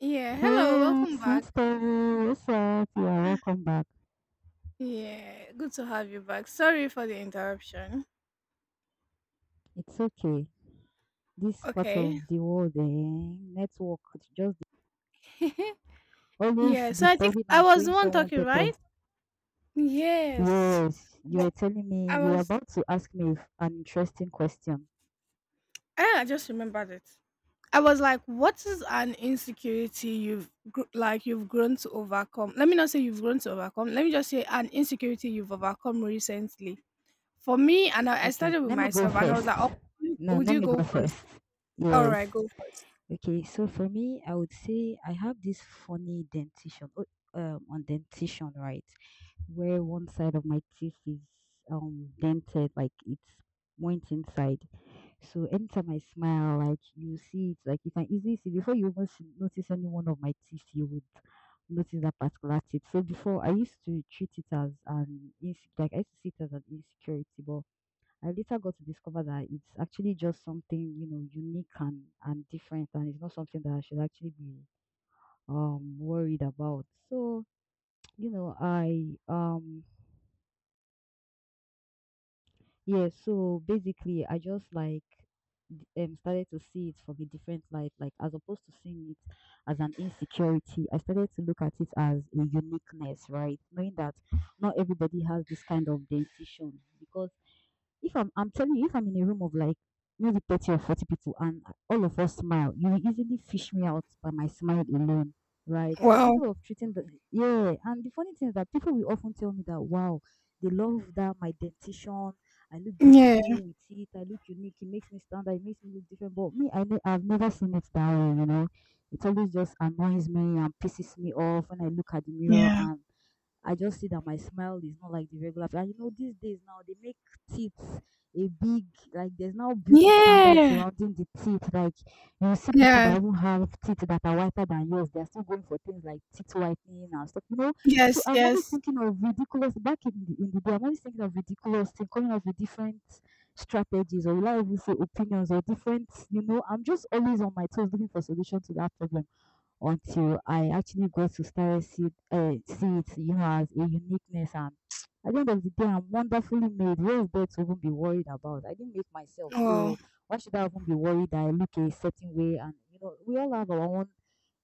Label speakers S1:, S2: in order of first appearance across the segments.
S1: Yeah, hello,
S2: Hey,
S1: welcome back.
S2: sister, what's up? Yeah, welcome back.
S1: Yeah, good to have you back. Sorry for the interruption.
S2: It's okay. This part
S1: Okay.
S2: of the world, network, it's just always
S1: Yeah, so I think
S2: disturbing
S1: I
S2: and
S1: was
S2: showing
S1: the one
S2: someone
S1: talking,
S2: pepper.
S1: right? Yes.
S2: Yes, you were
S1: But
S2: telling me
S1: I
S2: you were
S1: was,
S2: about to ask me an interesting question.
S1: I just remembered it. I was like, what is an insecurity like you've grown to overcome? Let me not say you've grown to overcome. Let me just say an insecurity you've overcome recently. For me, and I
S2: Okay,
S1: started with
S2: let me go
S1: myself, and I was
S2: first.
S1: like, oh,
S2: No,
S1: would
S2: let
S1: you
S2: me go
S1: go first?
S2: first.
S1: All
S2: Yes.
S1: right, go first.
S2: Okay, so for me, I would say I have this funny dentition, on dentition, right? Where one side of my teeth is dented, like it's went inside. So anytime I smile, like you see it, like you can easily see before you even see, notice any one of my teeth, you would notice that particular teeth. So before, I used to treat it as an like I used to see it as an insecurity, but I later got to discover that it's actually just something, you know, unique and different, and it's not something that I should actually be worried about. So, you know, I yeah, so basically I just like started to see it from a different light, like as opposed to seeing it as an insecurity, I started to look at it as a uniqueness, right? Knowing that not everybody has this kind of dentition, because if I'm telling you, if I'm in a room of like maybe 30 or 40 people and all of us smile, you will easily fish me out by my smile alone, right? So
S1: Well,
S2: instead of treating the, yeah. And the funny thing is that people will often tell me that, wow, they love that my dentition, I look
S1: yeah,
S2: beautiful with it, I look unique, it makes me stand out, it makes me look different. But me, I've never seen it that way, you know. It always just annoys me and pisses me off when I look at the mirror
S1: yeah.
S2: and I just see that my smile is not like the regular. And you know, these days now they make teeth a big like. There's now beauty standards
S1: Yeah.
S2: surrounding the teeth. Like you see people that
S1: Yes.
S2: even have teeth that are whiter than yours. They're still going for things like teeth whitening and stuff. You know. So
S1: Yes,
S2: I'm always
S1: yes.
S2: thinking of ridiculous back in the day. I'm always thinking of ridiculous things, coming up with different strategies, or will I even say opinions, or different. You know, I'm just always on my toes looking for solution to that problem until I actually got to start see it, you know, as a uniqueness. And at the end of the day, I'm wonderfully made. Where is there to even be worried about? I didn't make myself, so
S1: Wow.
S2: why should I even be worried that I look a certain way? And you know, we all have our own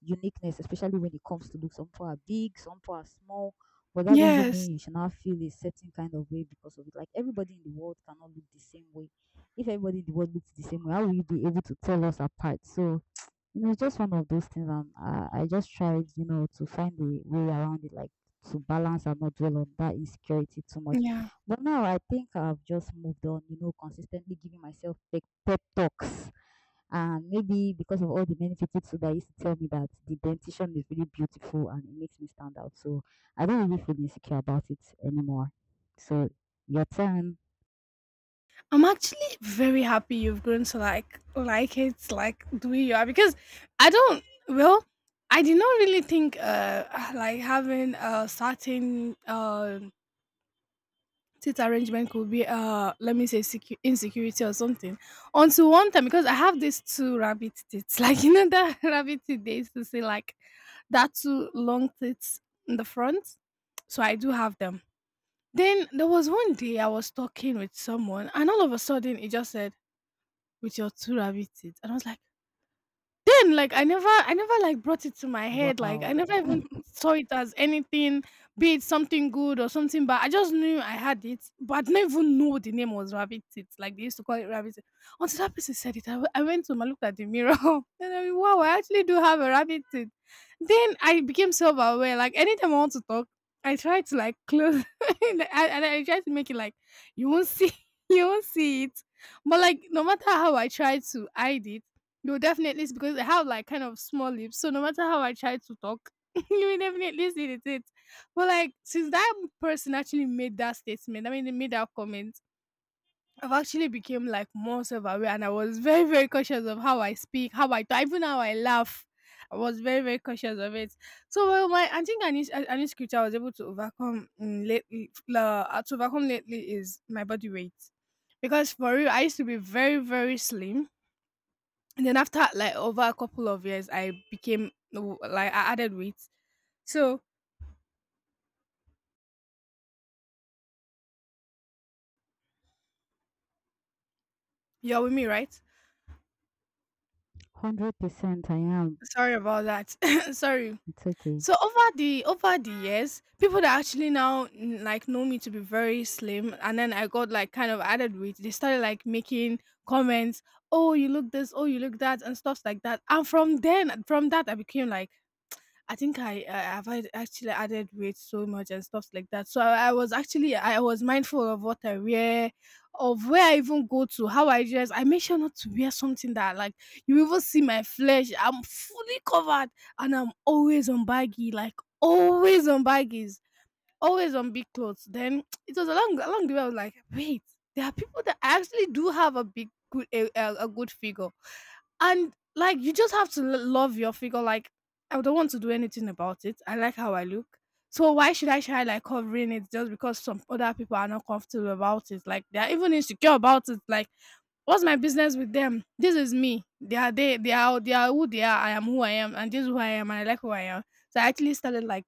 S2: uniqueness, especially when it comes to look. Some people are big, some people are small. But that doesn't
S1: Yes.
S2: mean you should not feel a certain kind of way because of it. Like everybody in the world cannot look the same way. If everybody in the world looks the same way, how will you be able to tell us apart? So it was just one of those things, and I just tried, you know, to find a way around it, like to balance and not dwell on that insecurity too much.
S1: Yeah.
S2: But now I think I've just moved on, you know, consistently giving myself pep talks. And maybe because of all the many people too that used to tell me that the dentition is really beautiful and it makes me stand out. So I don't really feel insecure about it anymore. So your turn.
S1: I'm actually very happy you've grown to like it, like the way you are. Because I don't well, I did not really think like having a certain seat arrangement could be, let me say, insecurity or something, until one time. Because I have these two rabbit teeth, like, you know that, rabbit teeth they used to say, like that two long teeth in the front. So I do have them. Then there was one day I was talking with someone, and all of a sudden it just said, with your two rabbit teeth, and I was like, then, like, I never, I never like brought it to my head. Like, I
S2: Wow.
S1: never even saw it as anything, be it something good or something. But I just knew I had it. But I didn't even know the name was rabbit teeth, like they used to call it rabbit teeth, until that person said it. I went to my, looked at the mirror, and I mean, wow, I actually do have a rabbit teeth. Then I became self-aware. Like, anytime I want to talk, I try to like close, and I try to make it like, you won't see, you won't see it. But, like, no matter how I try to hide it, no, definitely it's because I have like kind of small lips. So no matter how I try to talk, you will definitely see it. But like, since that person actually made that statement, I mean, they made that comment, I've actually became like more self aware, and I was very, very cautious of how I speak, how I talk, even how I laugh. I was very, very cautious of it. So, well, my I think I need scripture. I was able to overcome, lately, to overcome lately, is my body weight. Because for real, I used to be very, very slim, and then after like over a couple of years, I became like, I added weight. So, you're with me, right?
S2: One hundred percent I am.
S1: Sorry about that. Sorry.
S2: It's okay.
S1: So over the years, people that actually now, like, know me to be very slim, and then I got like kind of added weight, they started like making comments, "Oh, you look this. Oh, you look that," and stuff like that. And from then, from that, I became like, I think I have had actually added weight so much and stuff like that. So I was actually, I was mindful of what I wear, of where I even go to, how I dress. I make sure not to wear something that, like, you even see my flesh. I'm fully covered, and I'm always on baggy, like, always on baggies, always on big clothes. Then it was along the way I was like, wait, there are people that actually do have a big good a good figure, and like, you just have to love your figure. Like, I don't want to do anything about it. I like how I look. So why should I try like covering it, just because some other people are not comfortable about it? Like, they are even insecure about it. Like, what's my business with them? This is me. They are, they are who they are. I am who I am, and this is who I am, and I like who I am. So I actually started like,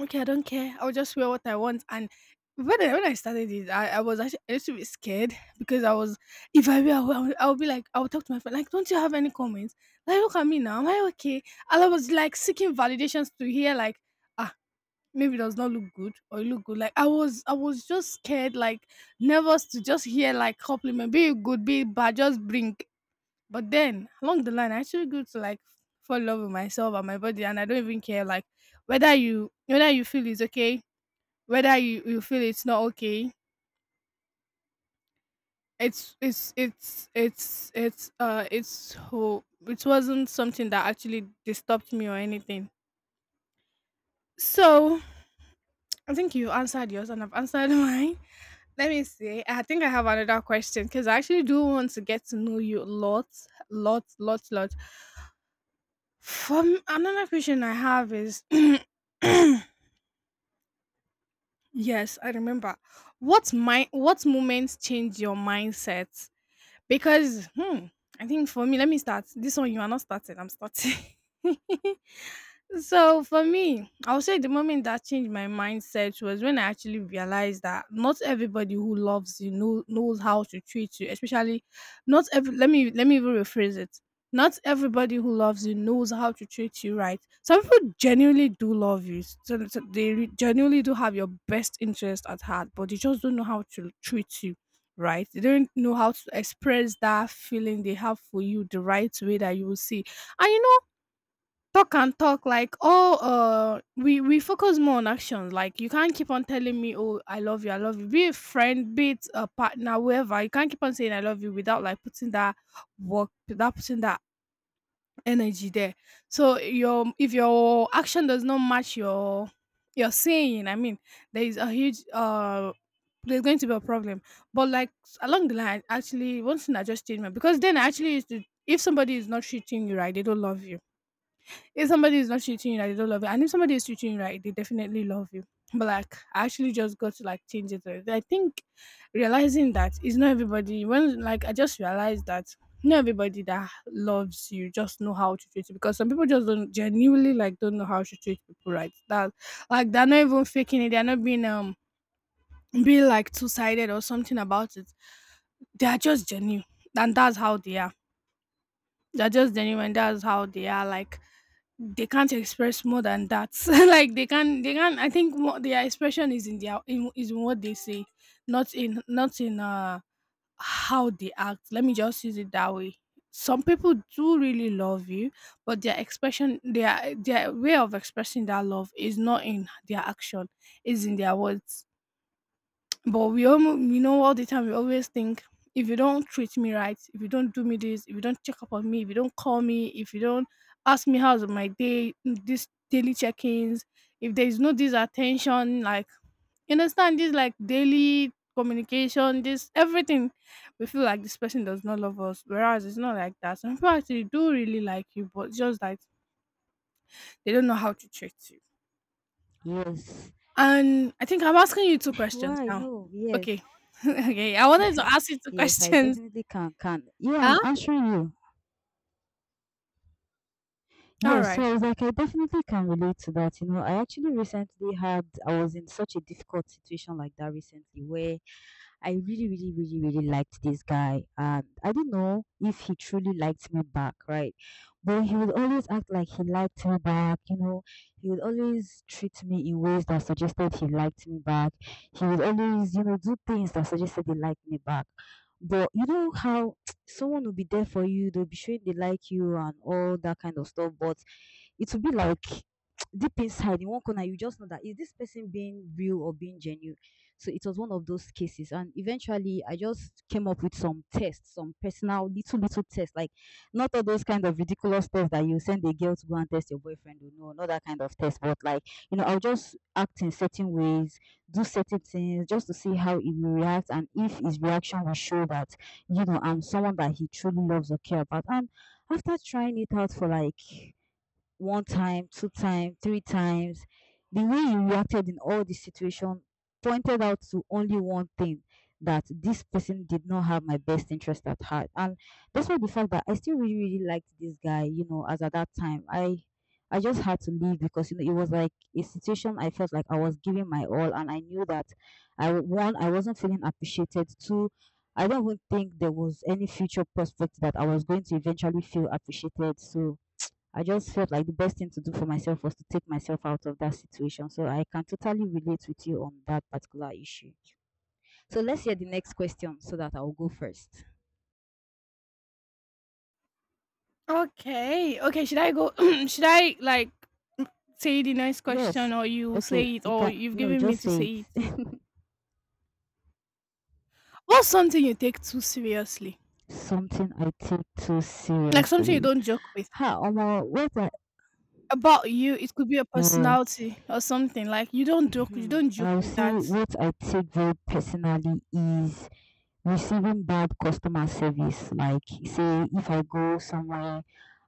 S1: okay, I don't care. I'll just wear what I want. And when I started it, I was actually a little bit scared, because I was, if I wear, I'll be like, I'll talk to my friend, like, don't you have any comments? Like, look at me now. Am I okay? And I was like seeking validations to hear, like, ah, maybe it does not look good, or it look good. Like, I was just scared, like, nervous to just hear, like, compliment, be it good, be it bad, just bring. But then along the line, I actually grew to like fall in love with myself and my body, and I don't even care like whether you feel it's okay, whether you feel it's not okay. It's who it wasn't something that actually disturbed me or anything. So, I think you answered yours, and I've answered mine. Let me see. I think I have another question, because I actually do want to get to know you a lot, lot, lot, lot. From another question I have is, yes, I remember. What my, what moments change your mindset? Because, hmm, I think for me, let me start. This one you are not starting, I'm starting. So for me, I'll say the moment that changed my mindset was when I actually realized that not everybody who loves you, know, knows how to treat you. Especially, not every. Let me even rephrase it. Not everybody who loves you knows how to treat you right. Some people genuinely do love you. So they genuinely do have your best interest at heart, but they just don't know how to treat you right. They don't know how to express that feeling they have for you the right way that you will see. And you know, talk and talk, like, oh, we focus more on actions. Like, you can't keep on telling me, oh, I love you, I love you, be a friend, be it a partner, whoever. You can't keep on saying I love you without like putting that work, without putting that energy there. So your, if your action does not match your saying, I mean, there is a huge there's going to be a problem. But like, along the line, actually, one thing I just changed, my, because then I actually used to, if somebody is not treating you right, they don't love you. If somebody is not treating you right, they don't love you. And if somebody is treating you right, they definitely love you. But like, I actually just got to like change it a little. I think realizing that it's not everybody. When like I just realized that not everybody that loves you just know how to treat you, because some people just don't genuinely like don't know how to treat people right. That, like, they're not even faking it. They're not being being like two sided or something about it. They are just genuine, and that's how they are. They're just genuine. That's how they are. Like, they can't express more than that, like they can, they can, I think what their expression is in their, in, is in what they say, not in, not in how they act. Let me just use it that way. Some people do really love you, but their expression, their way of expressing that love is not in their action, is in their words. But we almost, you know, all the time we always think, if you don't treat me right, if you don't do me this, if you don't check up on me, if you don't call me, if you don't ask me how's my day, this daily check-ins, if there is no this attention, like, you understand, this like daily communication, this everything, we feel like this person does not love us. Whereas it's not like that. Some people actually do really like you, but just like they don't know how to treat you.
S2: Yes.
S1: And I think I'm asking you two questions
S2: Why?
S1: now.
S2: No. Yes.
S1: Okay. Okay. I wanted to ask you two
S2: Yes, I
S1: questions.
S2: definitely can. Can yeah, I'm
S1: Huh?
S2: answering you.
S1: All
S2: Yes, so
S1: right.
S2: I was like, I definitely can relate to that. You know, I actually recently had, I was in such a difficult situation like that recently where I really, really, really, really liked this guy. And I do not know if he truly liked me back, right? But he would always act like he liked me back, you know. He would always treat me in ways that suggested he liked me back. He would always, you know, do things that suggested he liked me back. But you know how someone will be there for you, they'll be showing they like you and all that kind of stuff, but it will be like deep inside in one corner you just know that, is this person being real or being genuine? So it was one of those cases, and eventually I just came up with some tests, some personal little tests, like not all those kind of ridiculous stuff that you send a girl to go and test your boyfriend, or no, not that kind of test, but like, you know, I'll just act in certain ways, do certain things just to see how he will react, and if his reaction will show that, you know, I'm someone that he truly loves or care about. And after trying it out for like one time, two times, three times, the way you reacted in all the situation pointed out to only one thing: that this person did not have my best interest at heart. And despite the fact that I still really, really liked this guy, you know, as at that time, I just had to leave, because you know it was like a situation I felt like I was giving my all, and I knew that one, I wasn't feeling appreciated. Two, I don't even think there was any future prospect that I was going to eventually feel appreciated. So I just felt like the best thing to do for myself was to take myself out of that situation. So I can totally relate with you on that particular issue. So let's hear the next question so that I'll go first.
S1: Okay. Okay. Should I go? Should I like say the next
S2: Yes.
S1: question, or you
S2: Okay.
S1: say it,
S2: You
S1: or
S2: can,
S1: you've
S2: no,
S1: given me
S2: just
S1: to
S2: say
S1: say it?
S2: it.
S1: What's something you take too seriously?
S2: Something I take too
S1: Like, something you
S2: seriously.
S1: don't joke with?
S2: Ha, Omo, what I,
S1: About you, it could be a
S2: yeah.
S1: personality or something. Like you don't joke
S2: I'll
S1: with
S2: say
S1: that.
S2: what I take very personally is receiving bad customer service. Like say if I go somewhere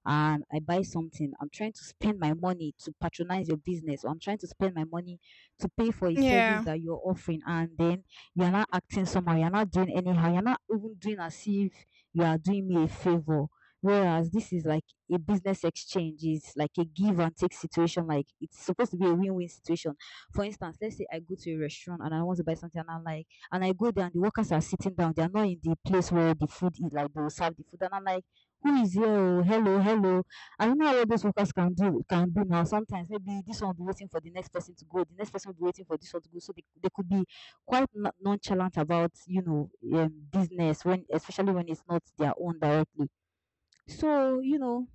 S2: and I buy something, I'm trying to spend my money to patronize your business, or I'm trying to spend my money to pay for a service
S1: Yeah.
S2: that you're offering, and then you're not acting somehow, you're not doing anyhow, you're not even doing as if you are doing me a favor. Whereas this is like a business exchange, is like a give and take situation, like it's supposed to be a win win situation. For instance, let's say I go to a restaurant and I want to buy something, and I'm like, and I go there and the workers are sitting down. They are not in the place where the food is, like they will serve the food. And I'm like, who is here? Oh, hello, hello. I don't know what those workers can do now. Sometimes maybe this one will be waiting for the next person to go, the next person will be waiting for this one to go. So they could be quite nonchalant about, you know, business when especially when it's not their own directly. So, you know,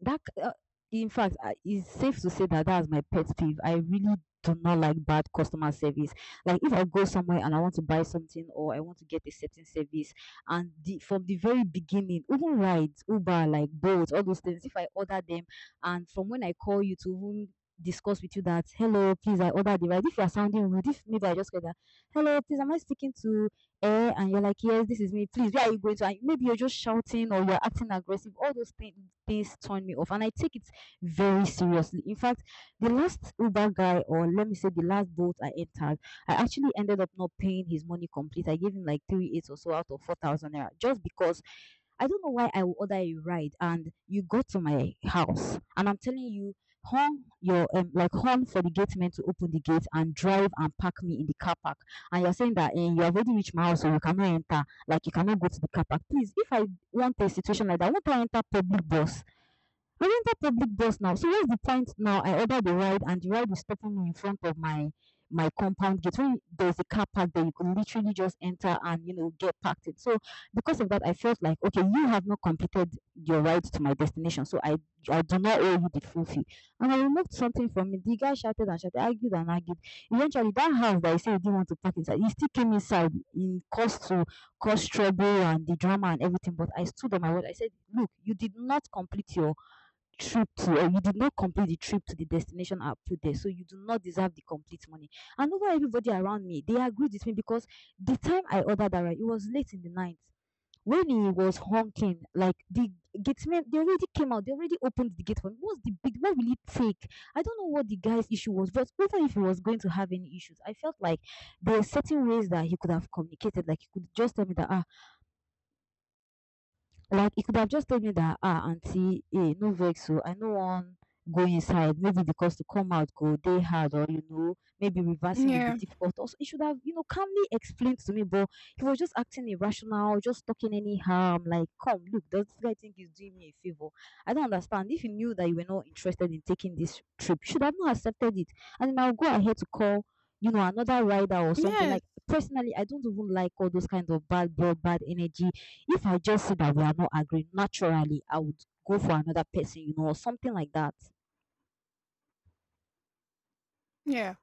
S2: that in fact it's safe to say that that's my pet peeve. I really do not like bad customer service. Like if I go somewhere and I want to buy something, or I want to get a certain service, and the, from the very beginning, even rides, Uber, like Bolt, all those things, if I order them, and from when I call you to even discuss with you that, hello, please, I ordered the ride, if you are sounding rude, if maybe I just get that, hello, please, am I speaking to air, and you're like, yes, this is me. Please, where are you going to? And maybe you're just shouting or you're acting aggressive. All those things turn me off, and I take it very seriously. In fact, the last Uber guy, or let me say, the last boat I entered, I actually ended up not paying his money complete. I gave him like three eight or so out of 4,000 naira, just because I don't know why I will order a ride and you go to my house and I'm telling you, horn your like horn for the gate man to open the gate and drive and park me in the car park. And you're saying that you have already reached my house, so you cannot enter. Like you cannot go to the car park. Please, if I want a situation like that, won't I enter public bus? I enter public bus now. So what's the point now? I order the ride and the ride is stopping me in front of my compound gate. When there's a car park there, you could literally just enter and get parked it. So because of that, I felt like okay, you have not completed your ride to my destination, so I do not owe you the full fee. And I removed something from it. The guy shouted and shouted, argued and argued. Eventually, that house that he said he didn't want to park inside, he still came inside in cause to cause trouble and the drama and everything. But I stood on my word. I said, look, you did not complete your trip to or you did not complete the trip to the destination I put there, so you do not deserve the complete money. And over everybody around me, they agreed with me because the time I ordered that right, it was late in the night. When he was honking, like the gateman, they already came out, they already opened the gate for me. What's the big? What will it take? I don't know what the guy's issue was, but even if he was going to have any issues, I felt like there are certain ways that he could have communicated. Like he could just tell me that ah, like he could have just told me that ah auntie, eh, no vex so I no wan go inside. Maybe because to come out go day hard or maybe reversing will be
S1: Yeah.
S2: difficult. Also, he should have, calmly explained to me, but he was just acting irrational, just talking anyhow. I'm like, come, look, does this guy think he's doing me a favor? I don't understand. If you knew that you were not interested in taking this trip, you should have not accepted it. And then I'll go ahead to call another rider or something
S1: Yes.
S2: like personally I don't even like all those kind of bad blood bad energy. If I just see that we are not agreeing, naturally I would go for another person, or something like that.
S1: Yeah.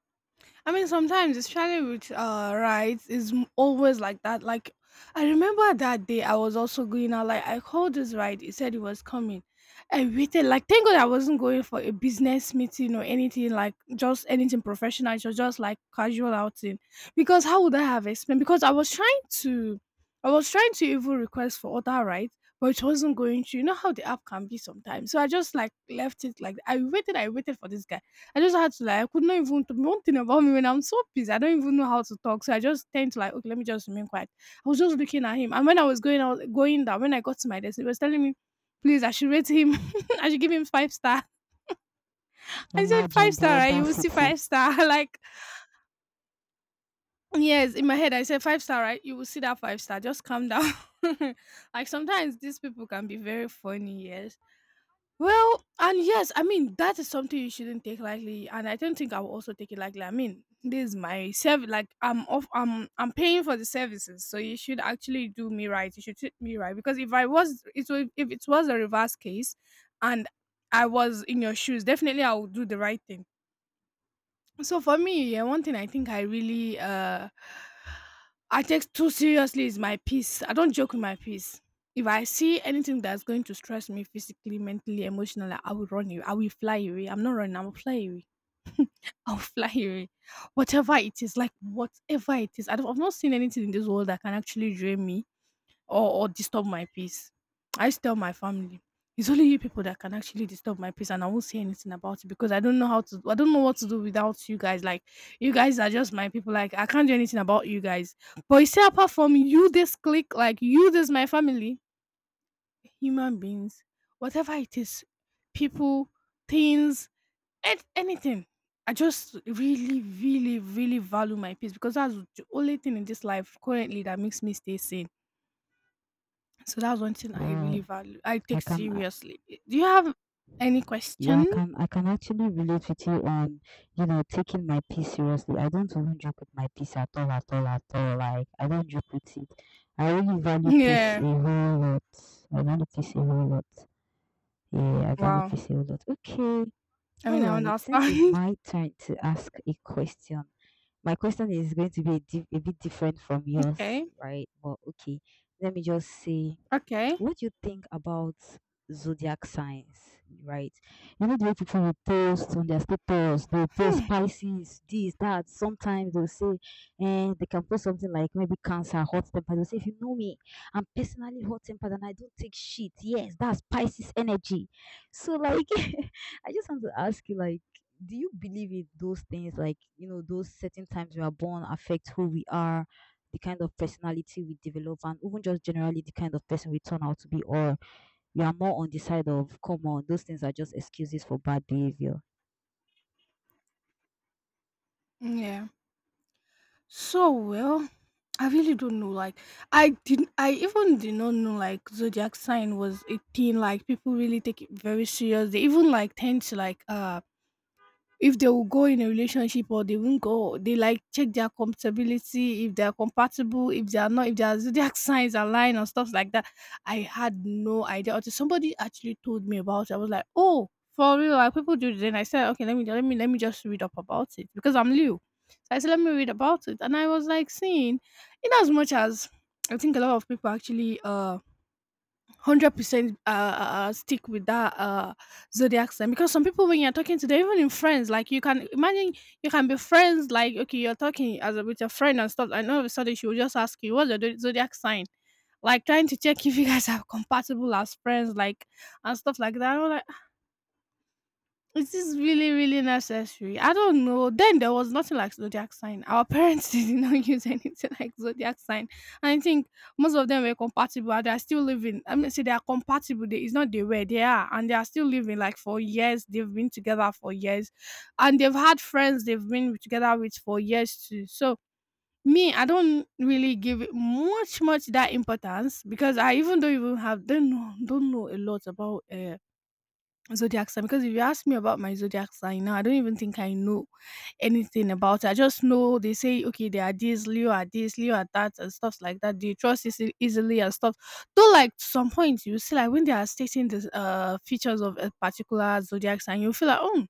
S1: I mean, sometimes especially with rides is always like that. Like, I remember that day I was also going out. Like, I called this ride. It said it was coming. I waited. Like thank God I wasn't going for a business meeting or anything like just anything professional. It was just like casual outing. Because how would I have explained? Because I was trying to even request for other rides. But it wasn't going to. You know how the app can be sometimes. So I just like left it like I waited. I waited for this guy. I just had to like I could not even t one thing about me: when I'm so pissed, I don't even know how to talk, so I just tend to like, "Okay, let me just remain quiet." I was just looking at him, and when I was going out going down, when I got to my desk, he was telling me, "Please, I should rate him. I should give him 5 star." I said,
S2: Imagine
S1: "5
S2: the
S1: star, right? You will see
S2: audacity.
S1: 5 star." Like, yes, in my head I said, "5 star, right? You will see that 5 star. Just calm down." Like, sometimes these people can be very funny, yes. Well, and yes, I mean that is something you shouldn't take lightly, and I don't think I will also take it lightly. I mean, this is my service. Like I'm off. I'm paying for the services, so you should actually do me right. You should treat me right, because if I was, if it was a reverse case, and I was in your shoes, definitely I would do the right thing. So for me, yeah, one thing I think I really I take too seriously is my peace. I don't joke with my peace. If I see anything that's going to stress me physically, mentally, emotionally, I will run away. I will fly away. I'm not running. I will fly away. I'll fly away. Whatever it is, like whatever it is, I don't, I've not seen anything in this world that can actually drain me or disturb my peace. I used to tell my family, it's only you people that can actually disturb my peace, and I won't say anything about it because I don't know how to. I don't know what to do without you guys. Like, you guys are just my people. Like, I can't do anything about you guys. But you see, apart from you, this clique, like you, this my family, human beings, whatever it is, people, things, anything. I just really, really, really value my peace because that's the only thing in this life currently that makes me stay sane. So that's one thing I
S2: Yeah,
S1: really value. I
S2: I
S1: take
S2: can.
S1: seriously. Do you have any
S2: Yeah, I
S1: question?
S2: can. I can actually relate with you on, taking my peace seriously. I don't even joke with my peace at all, at all, at all. Like I don't joke with it. I really value peace
S1: Yeah.
S2: a whole lot. I value peace a whole lot. Yeah, I value
S1: Wow.
S2: peace a whole lot. Okay.
S1: I
S2: All
S1: mean, I
S2: right, since it's
S1: understand.
S2: my turn to ask a question, my question is going to be a, a bit different from yours,
S1: Okay.
S2: right? But okay, let me just say,
S1: Okay.
S2: what do you think about zodiac signs, right? You know the way people will post on their status, they'll post
S1: Hmm.
S2: Pisces, this, that. Sometimes they'll say, and they can post something like maybe Cancer, hot temper. They'll say, if you know me, I'm personally hot tempered and I don't take shit. Yes, that's Pisces energy. So like, I just want to ask you, like, do you believe in those things? Like, those certain times we are born affect who we are, the kind of personality we develop, and even just generally the kind of person we turn out to be, or we are more on the side of, come on, those things are just excuses for bad behavior.
S1: Yeah. So well, I really don't know. Like, I didn't. I even did not know like zodiac sign was a thing. Like, people really take it very serious. They even like tend to like uh, if they will go in a relationship or they won't go, they like check their compatibility, if they are compatible, if they are not, if their zodiac signs align, lying or stuff like that. I had no idea until somebody actually told me about it. I was like, oh, for real, like people do this? And I said, okay, let me just read up about it because I'm new. So I said, let me read about it, and I was like seeing, in as much as I think a lot of people actually 100% stick with that uh, zodiac sign, because some people when you're talking to them even in friends, like you can imagine, you can be friends, like okay, you're talking as a, with your friend and stuff, and all of a sudden she will just ask you, what's your zodiac sign? Like trying to check if you guys are compatible as friends, like, and stuff like that. I'm like, it is really, really necessary? I don't know. Then there was nothing like zodiac sign. Our parents did not use anything like zodiac sign. And I think most of them were compatible. And they are still living. I mean, see, they are compatible. They, it's not they were. They are, and they are still living. Like for years, they've been together for years, and they've had friends they've been together with for years too. So me, I don't really give it much, much that importance, because I even don't even have don't know a lot about zodiac sign. Because if you ask me about my zodiac sign now, I don't even think I know anything about it. I just know they say, okay, they are this, Leo are this, Leo are that, and stuff like that. They trust easily and stuff. Though, like some point, you see, like when they are stating the features of a particular zodiac sign, you feel like, oh,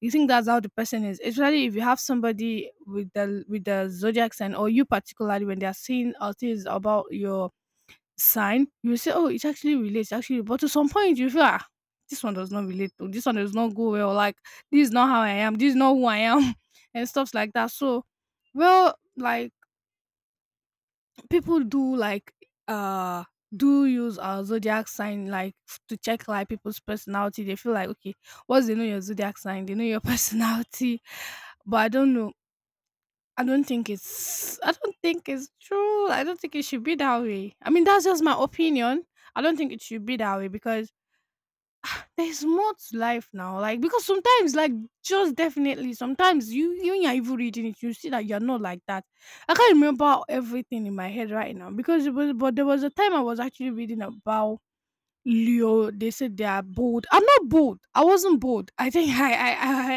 S1: you think that's how the person is. Especially if you have somebody with the zodiac sign, or you particularly when they are saying things about your sign, you will say, "Oh, it actually relates, actually." But to some point, you feel, "Ah, this one does not relate to, this one does not go well. Like this is not how I am. This is not who I am," and stuffs like that. So, well, like people do like uh, do use our zodiac sign like to check like people's personality. They feel like, okay, once they know your zodiac sign, they know your personality. But I don't know. I don't think it's true. I don't think it should be that way. I mean, that's just my opinion. I don't think it should be that way because there's more to life now. Like because sometimes, like just definitely, sometimes you even, you're even reading it, you see that you're not like that. I can't remember everything in my head right now because it was, but there was a time I was actually reading about Leo. They said they are bold. I'm not bold. I wasn't bold. I think I I I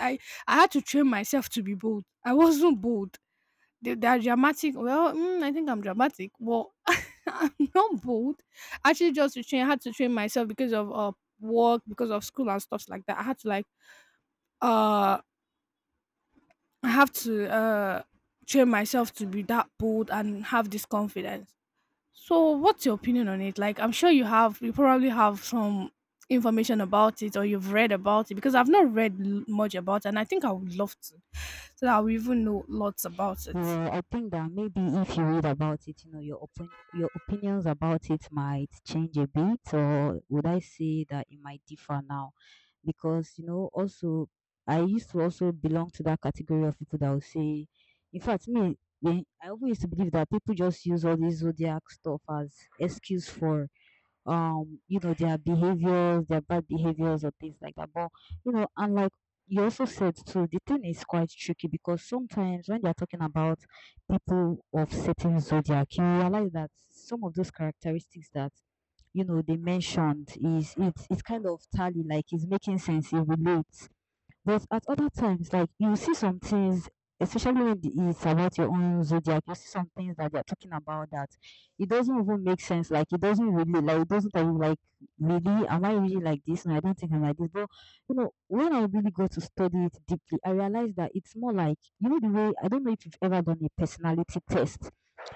S1: I I, I had to train myself to be bold. I wasn't bold. They are dramatic. Well, mm, I think I'm dramatic. Well, I'm not bold. Actually, just to train, I had to train myself because of work, because of school and stuff like that. I had to like uh, I have to uh, train myself to be that bold and have this confidence. So, what's your opinion on it? Like, I'm sure you have, you probably have some information about it, or you've read about it, because I've not read much about it, and I think I would love to, so that I will even know lots about it.
S2: Yeah, I think that maybe if you read about it, your your opinions about it might change a bit, or would I say that it might differ now, because also, I used to also belong to that category of people that would say, in fact, me I always used to believe that people just use all this zodiac stuff as excuse for their behaviors, their bad behaviors or things like that. But and like, you also said too, the thing is quite tricky because sometimes when they're talking about people of certain zodiac, you realize that some of those characteristics that they mentioned is, it's kind of tally, like it's making sense, it relates. But at other times, like you see some things, especially when it's about your own zodiac, you see some things that they're talking about that it doesn't even make sense. Like it doesn't really, like it doesn't tell you, like, really, am I really like this? No, I don't think I'm like this. But when I really go to study it deeply, I realize that it's more like, you know the way, I don't know if you've ever done a personality test.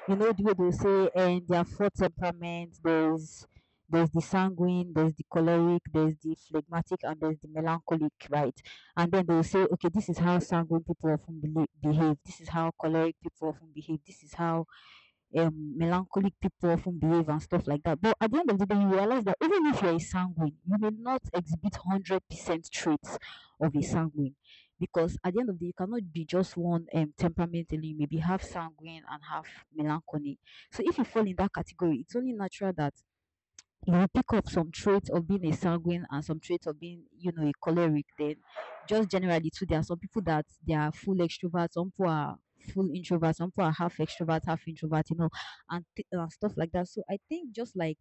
S2: You know the way they say, and there are four temperaments. There's the sanguine, there's the choleric, there's the phlegmatic, and there's the melancholic, right? And then they'll say, okay, this is how sanguine people often behave, this is how choleric people often behave, this is how um, melancholic people often behave and stuff like that. But at the end of the day, you realize that even if you're a sanguine, you may not exhibit 100% traits of a sanguine. Because at the end of the day, you cannot be just one temperament alone. You maybe half sanguine and half melancholy. So if you fall in that category, it's only natural that you pick up some traits of being a sanguine and some traits of being, a choleric. Then, just generally too, there are some people that they are full extroverts, some people are full introverts, some people are half extrovert, half introvert, and and stuff like that. So I think just like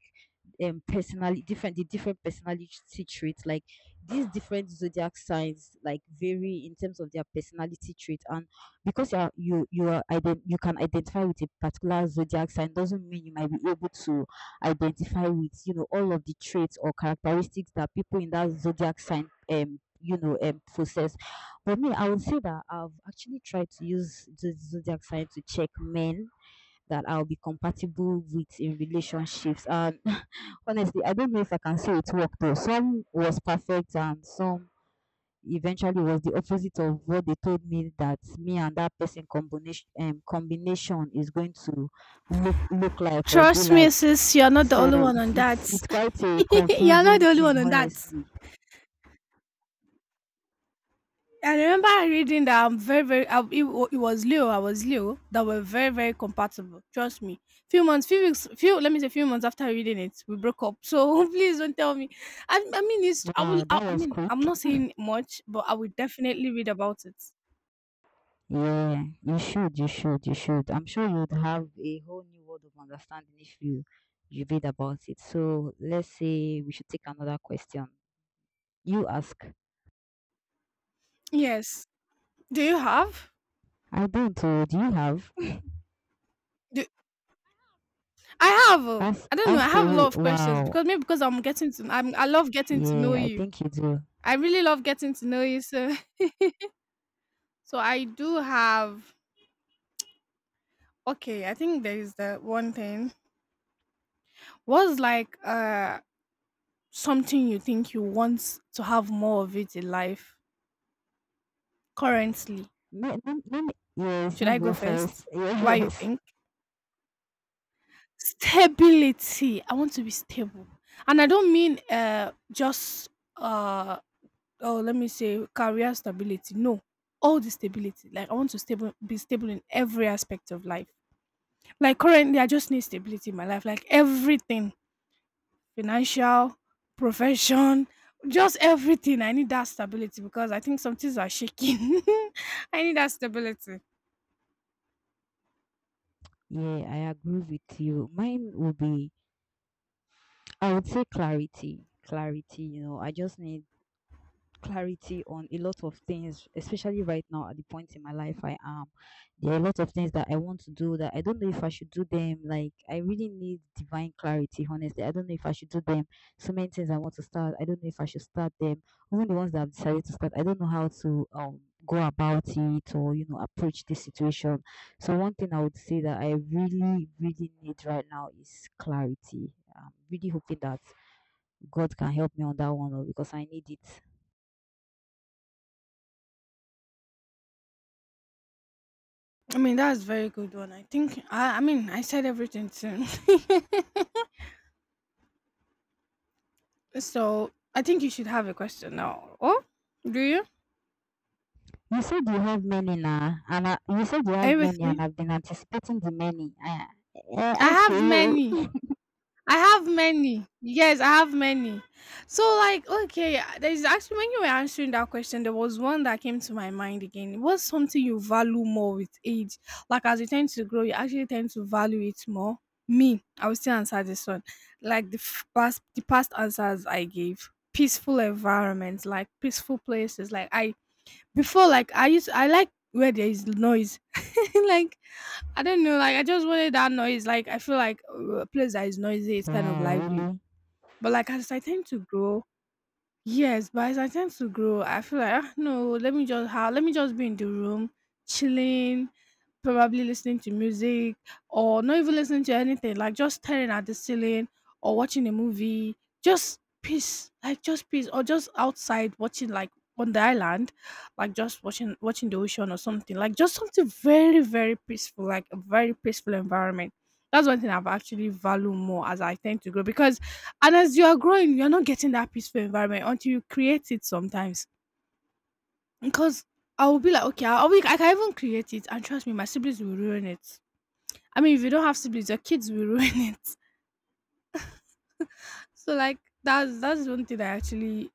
S2: personality different the different personality traits, like these different zodiac signs, like vary in terms of their personality trait. And because you are, you are you can identify with a particular zodiac sign doesn't mean you might be able to identify with all of the traits or characteristics that people in that zodiac sign possess. But me, I would say that I've actually tried to use the zodiac sign to check men that I'll be compatible with in relationships. And honestly, I don't know if I can say it worked though. Some was perfect and some eventually was the opposite of what they told me, that me and that person combination combination is going to look like or be
S1: Trust me,
S2: like.
S1: sis, you're not the
S2: So
S1: only one on
S2: it's,
S1: that.
S2: it's quite a
S1: You're not
S2: confusing
S1: the only
S2: thing,
S1: one on that.
S2: honestly.
S1: I remember reading that I'm very, very, it was Leo, I was Leo, that were very, very compatible. Trust me. Few months, few weeks, few, let me say, few months after reading it, we broke up. So please don't tell me.
S2: Wow, that
S1: I
S2: was
S1: mean,
S2: quick.
S1: I'm not saying much, but I will definitely read about it.
S2: Yeah, you should, you should, you should. I'm sure you'd have a whole new world of understanding if you read about it. So let's say we should take another question. You ask.
S1: Yes. Do you have?
S2: I don't. Oh, do you have?
S1: Do, I have. Oh,
S2: Ask,
S1: I don't know. I
S2: ask
S1: have a
S2: away.
S1: lot of questions,
S2: Wow.
S1: because maybe because I'm, I love getting to know
S2: Yeah, I
S1: you.
S2: think you do.
S1: I really love getting to know you, so so I do have, okay, I think there is the one thing. What's like uh, something you think you want to have more of it in life currently?
S2: Me, me, me, yes,
S1: Should
S2: you
S1: I go
S2: go first.
S1: first? Why you
S2: Yes.
S1: think? Stability. I want to be stable. And I don't mean uh, just uh, oh let me say career stability. No. All the stability. Like I want to stable be stable in every aspect of life. Like currently, I just need stability in my life. Like everything, financial, profession, just everything. I need that stability because I think some things are shaking. I need that stability.
S2: Yeah, I agree with you. Mine would be, I would say clarity. Clarity, I just need clarity on a lot of things, especially right now at the point in my life I am. There are a lot of things that I want to do that I don't know if I should do them. Like, I really need divine clarity, honestly. I don't know if I should do them. So many things I want to start, I don't know if I should start them. Even the ones that I've decided to start, I don't know how to go about it or approach this situation. So one thing I would say that I really, really need right now is clarity. I'm really hoping that God can help me on that one oh, because I need it.
S1: I mean, that's very good one. I think. I mean, I said everything soon. so I think you should have a question now. Oh, do you?
S2: You said you have many now, and I, you said you
S1: Are
S2: have
S1: you
S2: many,
S1: with
S2: and
S1: me?
S2: I've been anticipating the many. I
S1: I
S2: ask
S1: have
S2: you.
S1: many. I have many. Yes, I have many. So, like, okay, there's actually, when you were answering that question, there was one that came to my mind again. What's something you value more with age? Like, as you tend to grow, you actually tend to value it more. Me, I will still answer this one. Like the the past answers I gave, peaceful environments, like peaceful places. Like I before, I like where there is noise. Like I don't know, like I just wanted that noise. Like I feel like a place that is noisy is kind of
S2: Wow,
S1: lively,
S2: really?
S1: but like as I tend to grow, yes, but as I tend to grow, I feel like ah, no, let me just how, let me just be in the room, chilling, probably listening to music, or not even listening to anything, like just staring at the ceiling or watching a movie. Just peace, like just peace, or just outside watching like on the island, like just watching the ocean or something. Like just something very very peaceful, like a very peaceful environment. That's one thing I've actually value more as I tend to grow, because, and as you are growing, you're not getting that peaceful environment until you create it sometimes. Because I will be like, okay, I'll be, I can even create it, and trust me, my siblings will ruin it. I mean, if you don't have siblings, your kids will ruin it. So like that's one thing I actually